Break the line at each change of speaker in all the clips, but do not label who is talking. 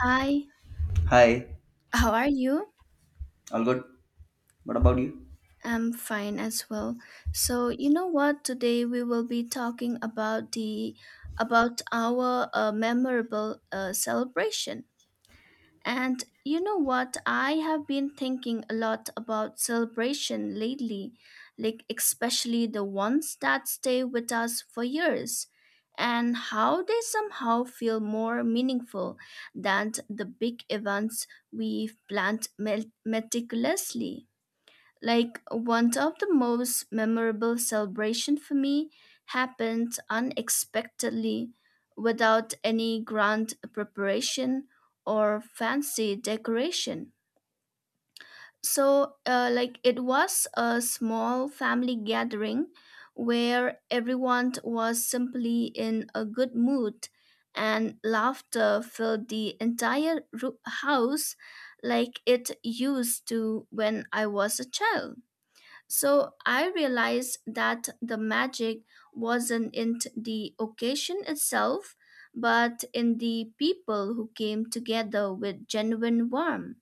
Hi,
Hi,
how are you?
all good? What about you?
I'm fine as well. So, you know what? Today we will be talking about the about our memorable celebration. And you know what? I have been thinking a lot about celebration lately, like especially the ones that stay with us for years and how they somehow feel more meaningful than the big events we've planned meticulously. Like one of the most memorable celebration for me happened unexpectedly without any grand preparation or fancy decoration. So it was a small family gathering where everyone was simply in a good mood and laughter filled the entire house like it used to when I was a child. So I realized that the magic wasn't in the occasion itself, but in the people who came together with genuine warmth.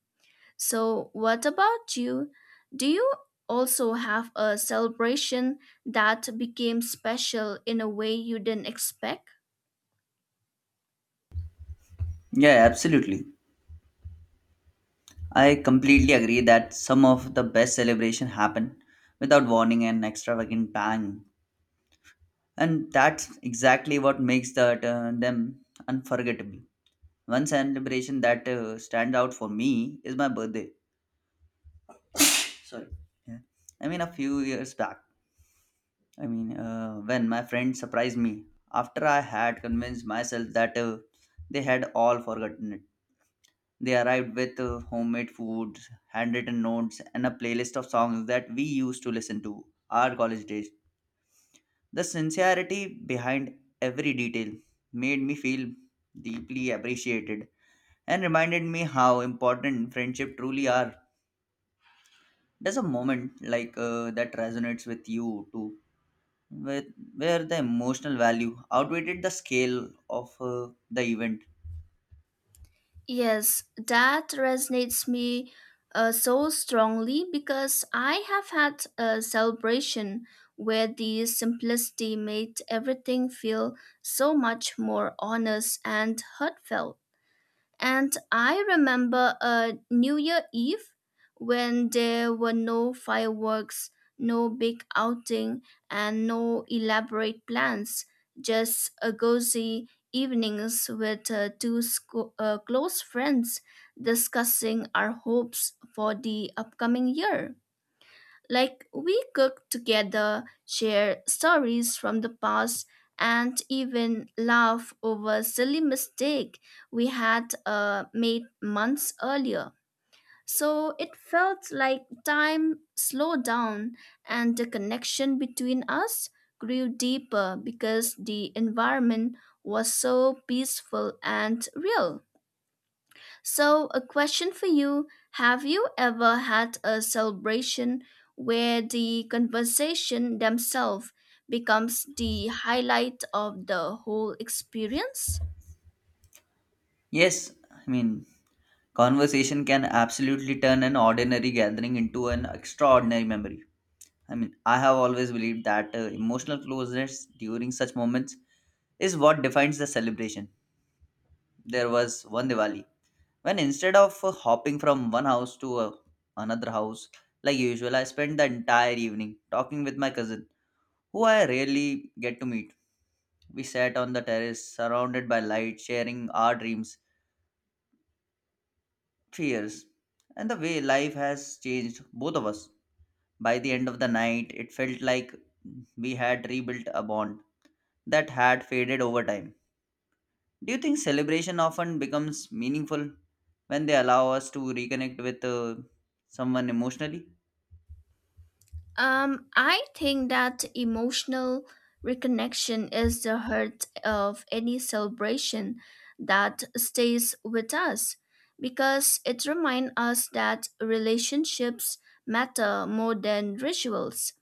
So, what about you? Do you also have a celebration that became special in a way you didn't expect?
Yeah, absolutely. I completely agree that some of the best celebration happen without warning and extravagant bang, and that's exactly what makes that them unforgettable. One celebration that stands out for me is my birthday. Sorry. Yeah. I mean, a few years back. I mean, when my friend surprised me after I had convinced myself that they had all forgotten it. They arrived with homemade food, handwritten notes, and a playlist of songs that we used to listen to our college days. The sincerity behind every detail made me feel deeply appreciated and reminded me how important friendship truly are. There's a moment like that resonates with you too, with, where the emotional value outweighed the scale of the event.
Yes, that resonates me so strongly because I have had a celebration where the simplicity made everything feel so much more honest and heartfelt. And I remember a New Year Eve when there were no fireworks, no big outing, and no elaborate plans, just a cozy evenings with close friends discussing our hopes for the upcoming year. Like we cook together, share stories from the past, and even laugh over silly mistake we had made months earlier. So it felt like time slowed down and the connection between us grew deeper because the environment was so peaceful and real. So, a question for you. Have you ever had a celebration where the conversation themselves becomes the highlight of the whole experience?
Yes, I mean, conversation can absolutely turn an ordinary gathering into an extraordinary memory. I mean, I have always believed that emotional closeness during such moments is what defines the celebration. There was one Diwali when instead of hopping from one house to another house like usual, I spent the entire evening talking with my cousin, who I rarely get to meet. We sat on the terrace, surrounded by light, sharing our dreams 3 years and the way life has changed both of us. By the end of the night, it felt like we had rebuilt a bond that had faded over time. Do you think celebration often becomes meaningful when they allow us to reconnect with someone emotionally?
I think that emotional reconnection is the heart of any celebration that stays with us because it reminds us that relationships matter more than rituals.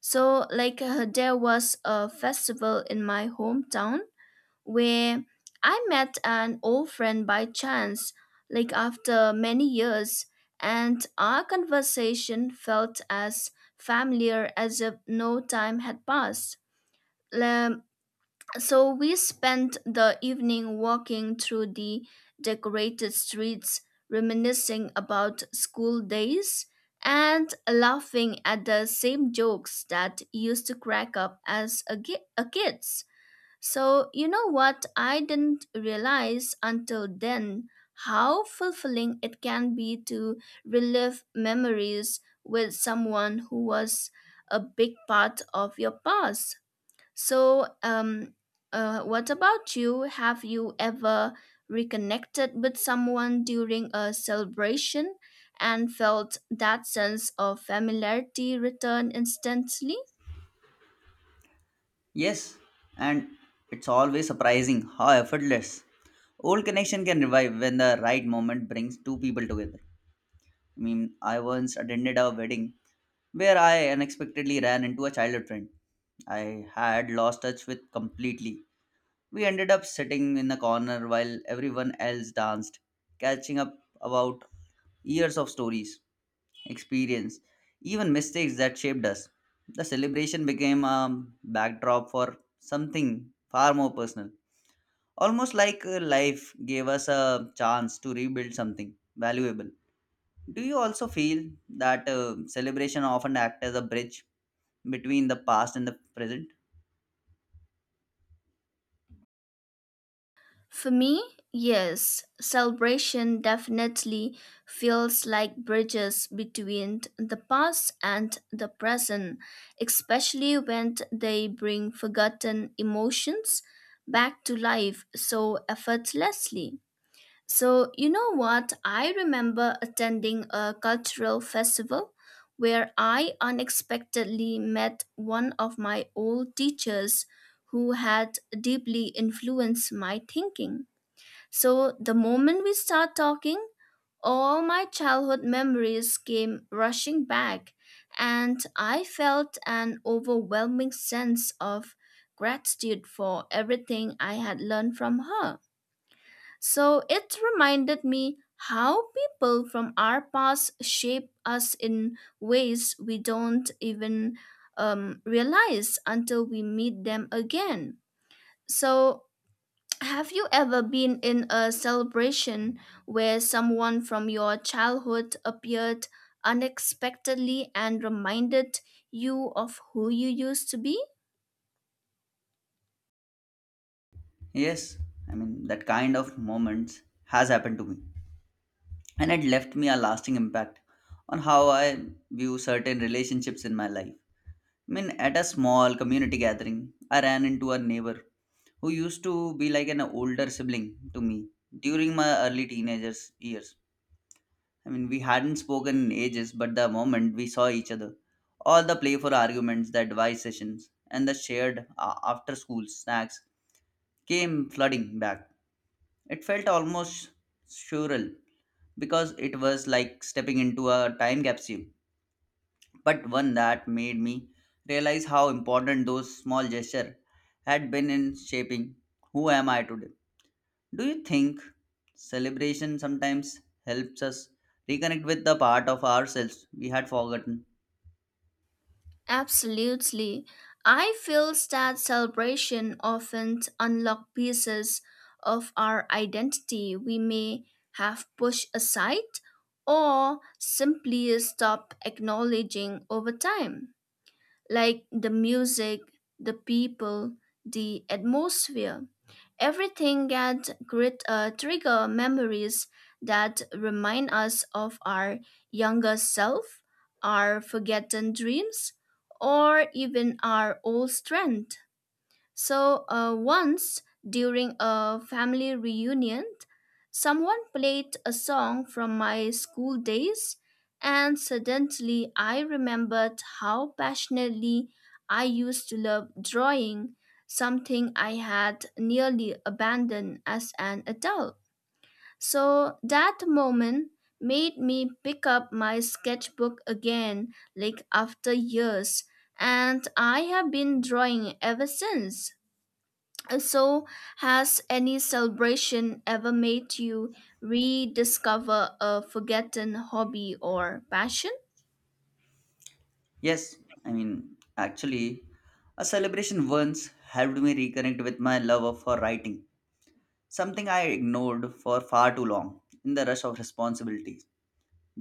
So there was a festival in my hometown where I met an old friend by chance, like, after many years, and our conversation felt as familiar as if no time had passed. Um, so we spent the evening walking through the decorated streets, reminiscing about school days and laughing at the same jokes that used to crack up as a, a kids. So you know what, I didn't realize until then how fulfilling it can be to relive memories with someone who was a big part of your past. So, what about you? Have you ever reconnected with someone during a celebration and felt that sense of familiarity return instantly?
Yes, and it's always surprising how effortless old connection can revive when the right moment brings two people together. I mean, I once attended a wedding where I unexpectedly ran into a childhood friend I had lost touch with completely. We ended up sitting in a corner while everyone else danced, catching up about years of stories, experience, even mistakes that shaped us. The celebration became a backdrop for something far more personal. Almost like life gave us a chance to rebuild something valuable. Do you also feel that celebration often act as a bridge between the past and the present?
For me, yes, celebration definitely feels like bridges between the past and the present, especially when they bring forgotten emotions back to life so effortlessly. So, you know what? I remember attending a cultural festival where I unexpectedly met one of my old teachers who had deeply influenced my thinking. So, the moment we start talking, all my childhood memories came rushing back, and I felt an overwhelming sense of gratitude for everything I had learned from her. So it reminded me how people from our past shape us in ways we don't even realize until we meet them again. So, have you ever been in a celebration where someone from your childhood appeared unexpectedly and reminded you of who you used to be?
Yes, I mean, that kind of moments has happened to me, and it left me a lasting impact on how I view certain relationships in my life. I mean, at a small community gathering, I ran into a neighbor who used to be like an older sibling to me during my early teenagers years. I mean, we hadn't spoken in ages, but the moment we saw each other, all the playful arguments, the advice sessions, and the shared after school snacks came flooding back. It felt almost surreal because it was like stepping into a time capsule, but one that made me realize how important those small gestures had been in shaping who am I today. Do you think celebration sometimes helps us reconnect with the part of ourselves we had forgotten?
Absolutely. I feel that celebration often unlocks pieces of our identity we may have pushed aside or simply stopped acknowledging over time, like the music, the people, the atmosphere. Everything can trigger memories that remind us of our younger self, our forgotten dreams, or even our old strength. So, once during a family reunion, someone played a song from my school days, and suddenly I remembered how passionately I used to love drawing, something I had nearly abandoned as an adult. So, that moment made me pick up my sketchbook again, like after years, and I have been drawing ever since. So, has any celebration ever made you rediscover a forgotten hobby or passion?
Yes, I mean, actually, a celebration once helped me reconnect with my love for writing. Something I ignored for far too long in the rush of responsibilities.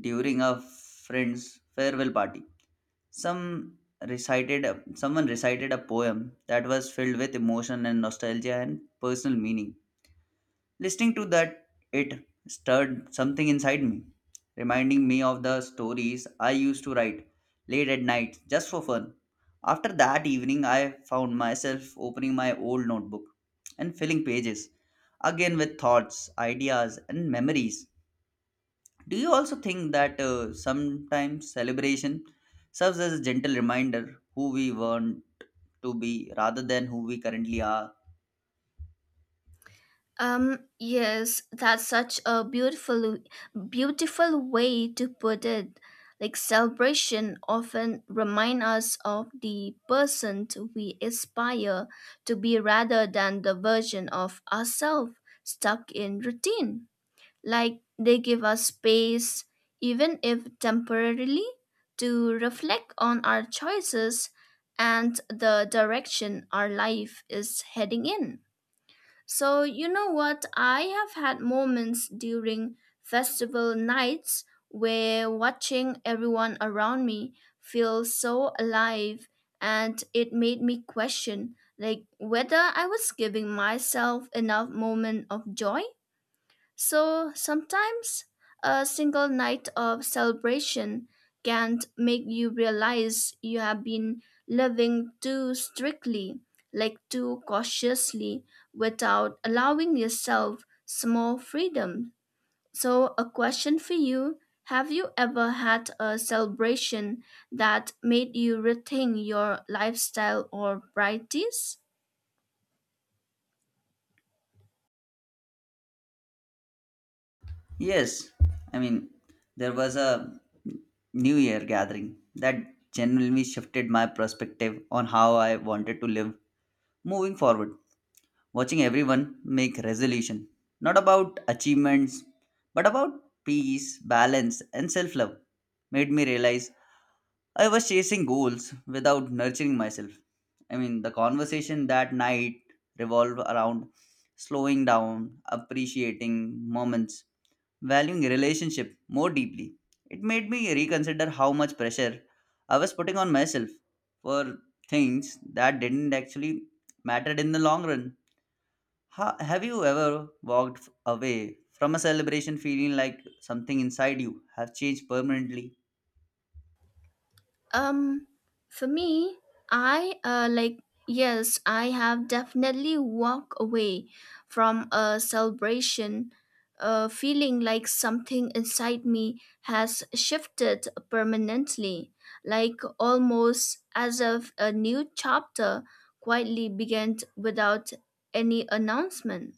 During a friend's farewell party, some recited someone recited a poem that was filled with emotion and nostalgia and personal meaning. Listening to that, it stirred something inside me, reminding me of the stories I used to write late at night just for fun. After that evening, I found myself opening my old notebook and filling pages again with thoughts, ideas, and memories. Do you also think that sometimes celebration serves as a gentle reminder who we want to be rather than who we currently are?
Yes, that's such a beautiful way to put it. Like celebration often remind us of the person to we aspire to be rather than the version of ourselves stuck in routine. Like they give us space, even if temporarily, to reflect on our choices and the direction our life is heading in. So, you know what? I have had moments during festival nights where watching everyone around me feel so alive, and it made me question like whether I was giving myself enough moment of joy. So sometimes a single night of celebration can make you realize you have been living too strictly, like too cautiously, without allowing yourself small freedom. So, a question for you. Have you ever had a celebration that made you rethink your lifestyle or priorities?
Yes, I mean, there was a New Year gathering that genuinely shifted my perspective on how I wanted to live moving forward. Watching everyone make resolution, not about achievements, but about peace, balance, and self love, made me realize I was chasing goals without nurturing myself. I mean, the conversation that night revolved around slowing down, appreciating moments, valuing relationship more deeply. It made me reconsider how much pressure I was putting on myself for things that didn't actually matter in the long run. Have you ever walked away from a celebration feeling like something inside you have changed permanently?
Um, for me, I uh, like, yes, I have definitely walked away from a celebration feeling like something inside me has shifted permanently, like almost as if a new chapter quietly began without any announcement.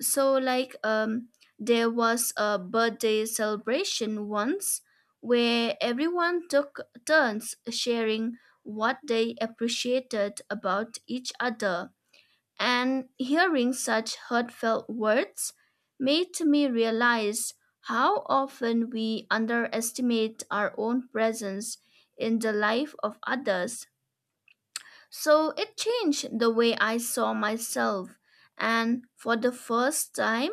So there was a birthday celebration once where everyone took turns sharing what they appreciated about each other, and hearing such heartfelt words made me realize how often we underestimate our own presence in the life of others. So it changed the way I saw myself. And for the first time,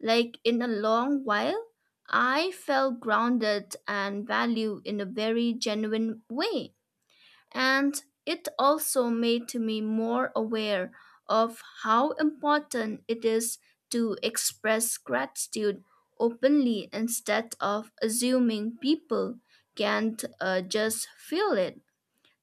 like in a long while, I felt grounded and valued in a very genuine way. And it also made me more aware of how important it is to express gratitude openly instead of assuming people can't just feel it.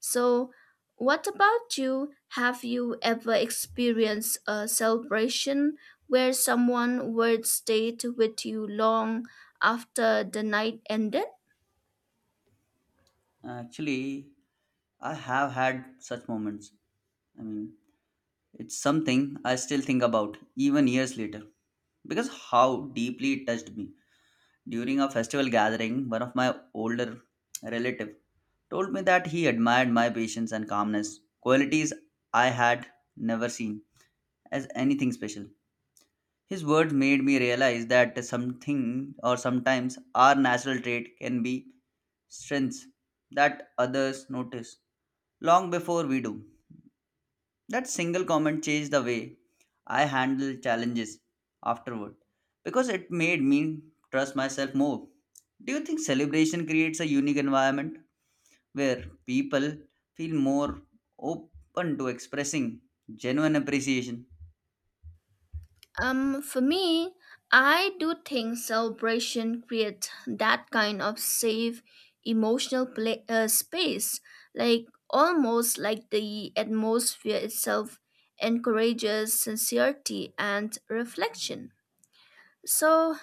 So, what about you? Have you ever experienced a celebration where someone would stayed with you long after the night ended?
Actually, I have had such moments. I mean, it's something I still think about even years later because how deeply it touched me. During a festival gathering, one of my older relative told me that he admired my patience and calmness, qualities I had never seen as anything special. His words made me realize that something or sometimes our natural trait can be strengths that others notice long before we do. That single comment changed the way I handle challenges afterward because it made me trust myself more. Do you think celebration creates a unique environment where people feel more open to expressing genuine appreciation?
For me, I do think celebration create that kind of safe emotional pla space, like almost like the atmosphere itself encourages sincerity and reflection. So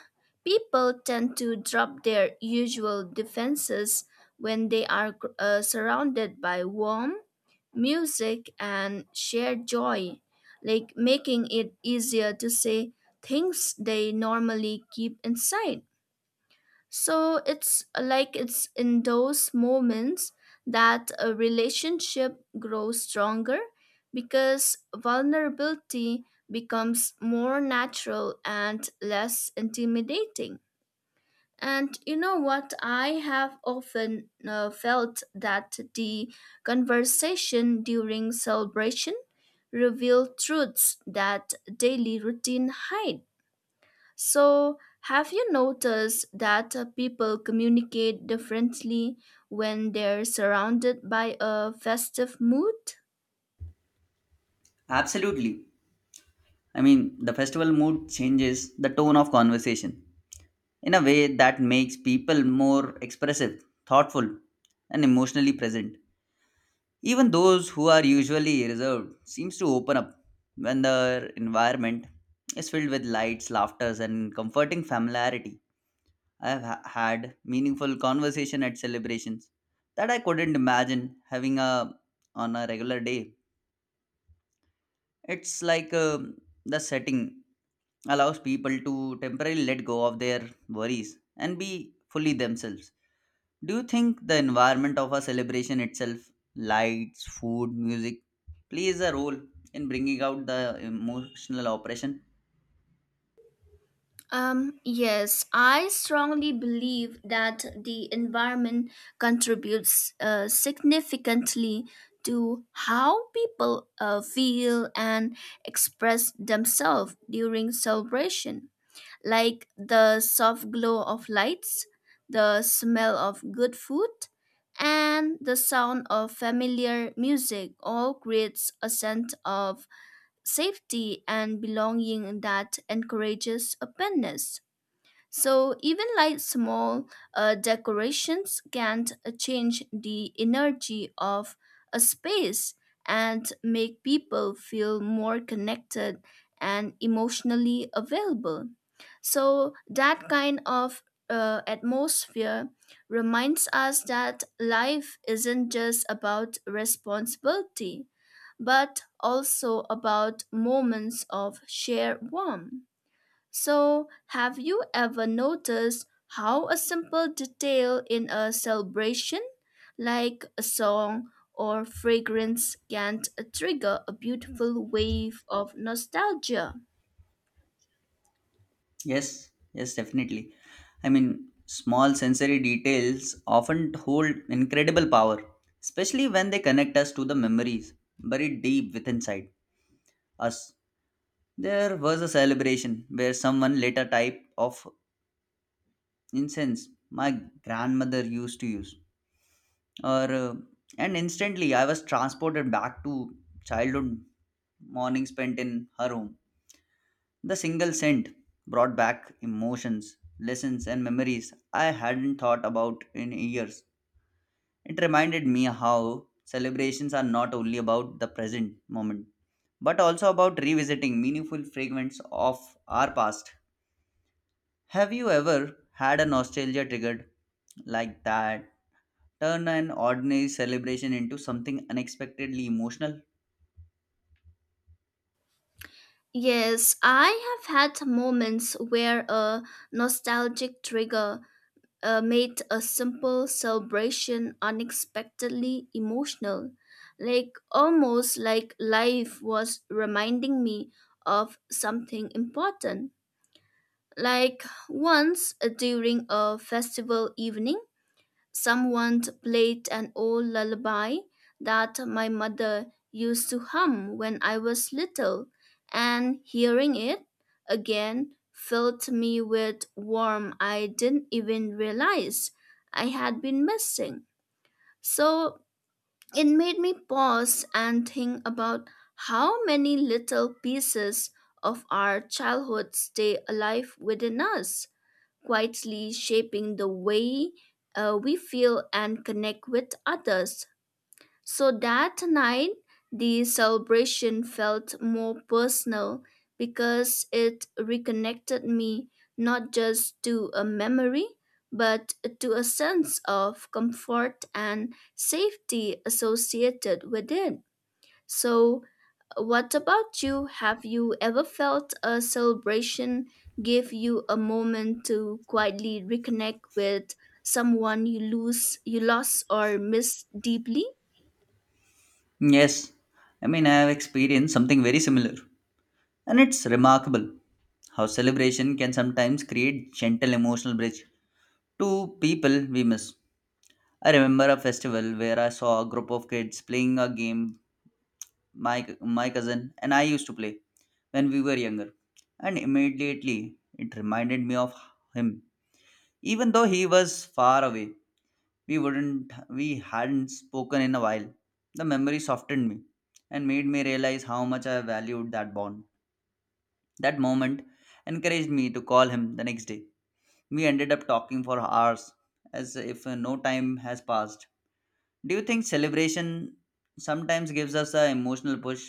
people tend to drop their usual defenses when they are surrounded by warm music and shared joy, like making it easier to say things they normally keep inside. So it's in those moments that a relationship grows stronger because vulnerability becomes more natural and less intimidating. And you know what? I have often felt that the conversation during celebration revealed truths that daily routine hide. So, have you noticed that people communicate differently when they're surrounded by a festive mood?
Absolutely. I mean, the festival mood changes the tone of conversation in a way that makes people more expressive, thoughtful, and emotionally present. Even those who are usually reserved seems to open up when the environment is filled with lights, laughters, and comforting familiarity. I have had meaningful conversation at celebrations that I couldn't imagine having a on a regular day. It's like the setting allows people to temporarily let go of their worries and be fully themselves. Do you think the environment of a celebration itself, lights, food, music, plays a role in bringing out the emotional operation?
Yes, I strongly believe that the environment contributes significantly to how people feel and express themselves during celebration. Like the soft glow of lights, the smell of good food, and the sound of familiar music all creates a sense of safety and belonging that encourages openness. So even like small decorations can change the energy of a space and make people feel more connected and emotionally available. So that kind of atmosphere reminds us that life isn't just about responsibility, but also about moments of shared warmth. So, have you ever noticed how a simple detail in a celebration, like a song or fragrance, can trigger a beautiful wave of nostalgia?
Yes, yes, definitely. I mean, small sensory details often hold incredible power, especially when they connect us to the memories buried deep within inside us. There was a celebration where someone lit a type of incense my grandmother used to use. Or, uh, and instantly I was transported back to childhood morning spent in her home. The single scent brought back emotions, lessons, and memories I hadn't thought about in years. It reminded me how celebrations are not only about the present moment, but also about revisiting meaningful fragments of our past. Have you ever had a nostalgia triggered like that? Turn an ordinary celebration into something unexpectedly emotional?
Yes, I have had moments where a nostalgic trigger made a simple celebration unexpectedly emotional, like almost like life was reminding me of something important. Like once during a festival evening, someone played an old lullaby that my mother used to hum when I was little, and hearing it again filled me with warmth I didn't even realize I had been missing. So it made me pause and think about how many little pieces of our childhood stay alive within us, quietly shaping the way we feel and connect with others. So that night, the celebration felt more personal because it reconnected me not just to a memory, but to a sense of comfort and safety associated with it. So, what about you? Have you ever felt a celebration give you a moment to quietly reconnect with someone you lose, you lost or miss deeply?
Yes, I mean, I have experienced something very similar. And it's remarkable how celebration can sometimes create gentle emotional bridge to people we miss. I remember a festival where I saw a group of kids playing a game my cousin and I used to play when we were younger. And immediately it reminded me of him, even though he was far away. We wouldn't we hadn't spoken in a while. The memory softened me and made me realize how much I valued that bond. That moment encouraged me to call him the next day. We ended up talking for hours as if no time has passed. Do you think celebration sometimes gives us an emotional push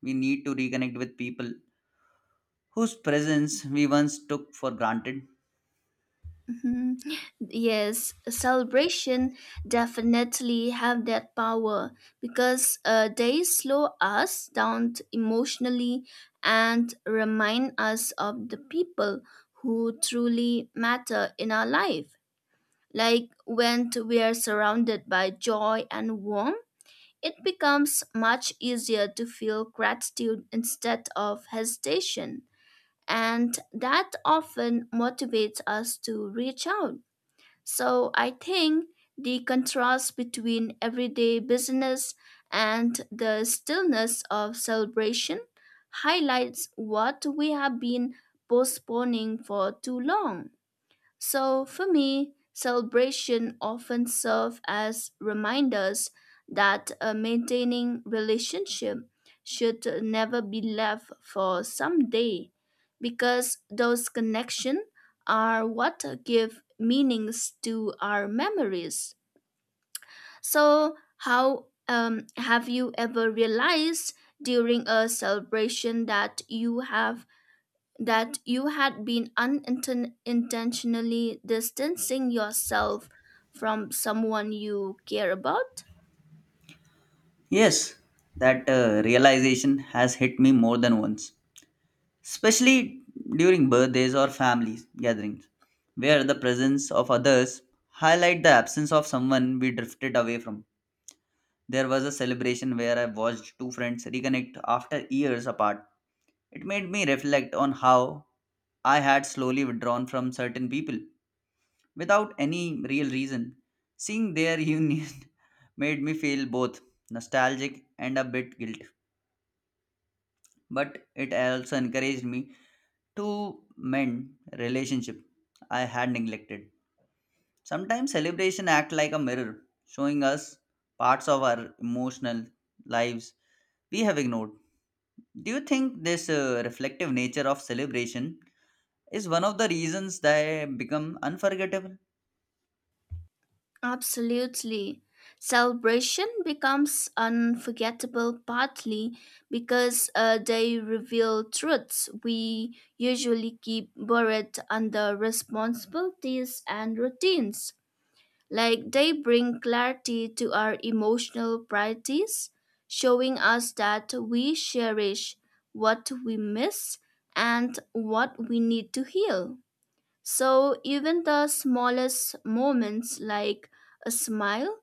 we need to reconnect with people whose presence we once took for granted?
Mhm. Yes, celebration definitely have that power because they slow us down emotionally and remind us of the people who truly matter in our life. Like when we are surrounded by joy and warmth, it becomes much easier to feel gratitude instead of hesitation. And that often motivates us to reach out. So I think the contrast between everyday business and the stillness of celebration highlights what we have been postponing for too long. So for me, celebration often serve as reminders that maintaining relationship should never be left for someday because those connections are what give meanings to our memories. So how have you ever realized during a celebration that you have that you had been unintentionally distancing yourself from someone you care about?
Yes, that realization has hit me more than once, especially during birthdays or family gatherings, where the presence of others highlight the absence of someone we drifted away from. There was a celebration where I watched two friends reconnect after years apart. It made me reflect on how I had slowly withdrawn from certain people without any real reason. Seeing their union made me feel both nostalgic and a bit guilt, but it also encouraged me to mend relationship I had neglected. Sometimes celebration act like a mirror, showing us parts of our emotional lives we have ignored. Do you think this reflective nature of celebration is one of the reasons they become unforgettable?
Absolutely. Celebration becomes unforgettable partly because they reveal truths we usually keep buried under responsibilities and routines. Like they bring clarity to our emotional priorities, showing us that we cherish what we miss and what we need to heal. So even the smallest moments, like a smile,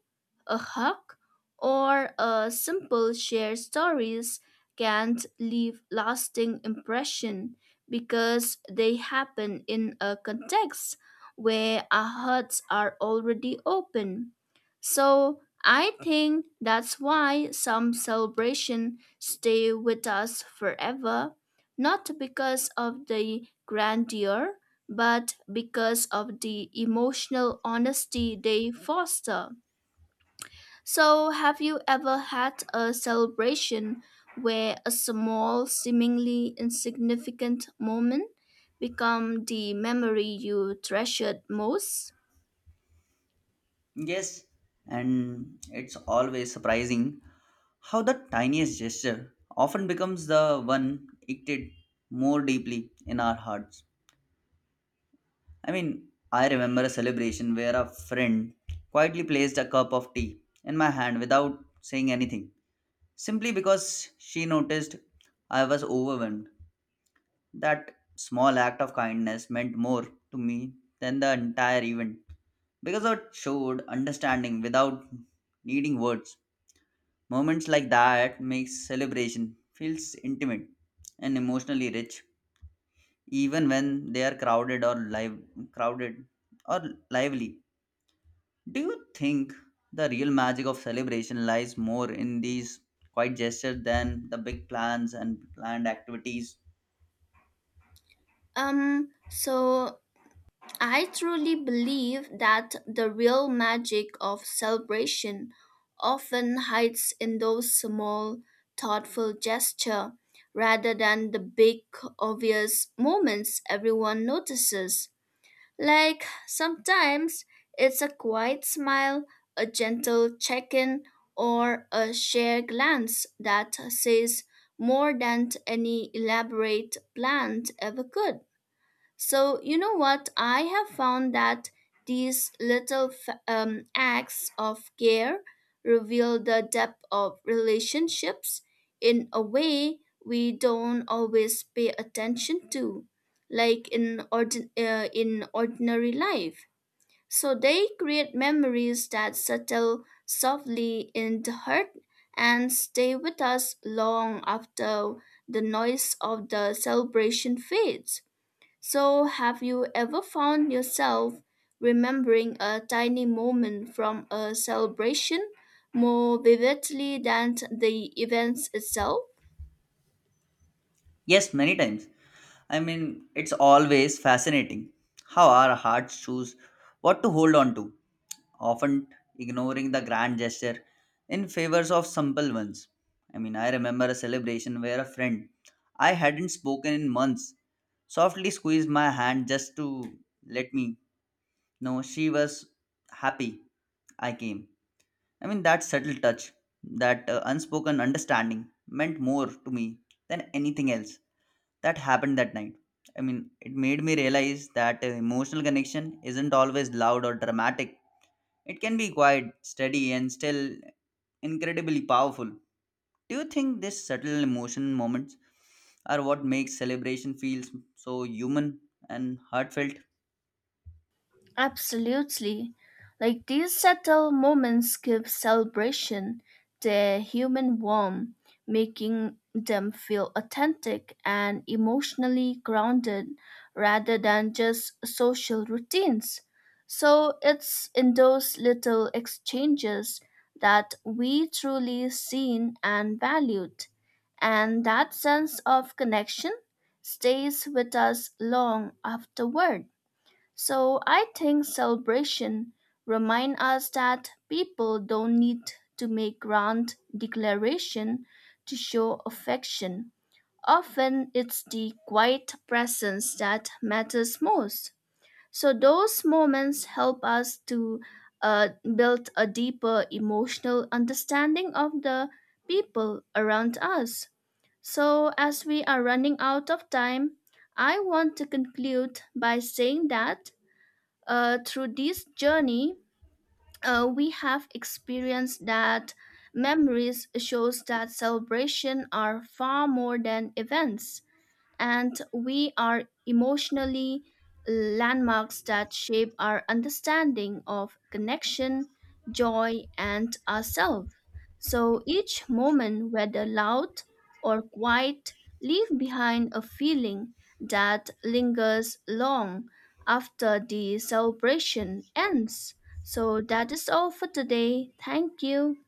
a hug, or a simple share stories, can leave lasting impression because they happen in a context where our hearts are already open. So I think that's why some celebration stay with us forever, not because of the grandeur, but because of the emotional honesty they foster. So, have you ever had a celebration where a small, seemingly insignificant moment become the memory you treasured most?
Yes, and it's always surprising how the tiniest gesture often becomes the one etched more deeply in our hearts. I mean, I remember a celebration where a friend quietly placed a cup of tea in my hand without saying anything, simply because she noticed I was overwhelmed. That small act of kindness meant more to me than the entire event because it showed understanding without needing words. Moments like that makes celebration feels intimate and emotionally rich, even when they are crowded or lively. Do you think the real magic of celebration lies more in these quiet gestures than the big plans and planned activities?
So I truly believe that the real magic of celebration often hides in those small, thoughtful gesture rather than the big, obvious moments everyone notices. Like sometimes it's a quiet smile, a gentle check in, or a shared glance that says more than any elaborate plan ever could. So, you know what? I have found that these little acts of care reveal the depth of relationships in a way we don't always pay attention to, like in ordinary life. So, they create memories that settle softly in the heart and stay with us long after the noise of the celebration fades. So, have you ever found yourself remembering a tiny moment from a celebration more vividly than the events itself?
Yes, many times. I mean, it's always fascinating how our hearts choose what to hold on to, often ignoring the grand gesture in favors of simple ones. I mean, I remember a celebration where a friend I hadn't spoken in months softly squeezed my hand just to let me. No, she was happy. I came. I mean, that subtle touch, that unspoken understanding meant more to me than anything else that happened that night. I mean, it made me realize that emotional connection isn't always loud or dramatic. It can be quiet, steady, and still incredibly powerful. Do you think these subtle emotion moments are what makes celebration feels so human and heartfelt?
Absolutely. Like these subtle moments give celebration their human warmth, making them feel authentic and emotionally grounded rather than just social routines. So it's in those little exchanges that we truly seen and valued. And that sense of connection stays with us long afterward. So I think celebration remind us that people don't need to make grand declaration to show affection. Often it's the quiet presence that matters most. So those moments help us to uh, build a deeper emotional understanding of the people around us. So as we are running out of time, I want to conclude by saying that through this journey, we have experienced that memories shows that celebration are far more than events and we are emotionally landmarks that shape our understanding of connection, joy, and ourselves. So each moment, whether loud or quiet, leave behind a feeling that lingers long after the celebration ends. So that is all for today. Thank you.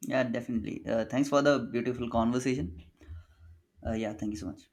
Yeah, definitely. Thanks for the beautiful conversation. Yeah, thank you so much.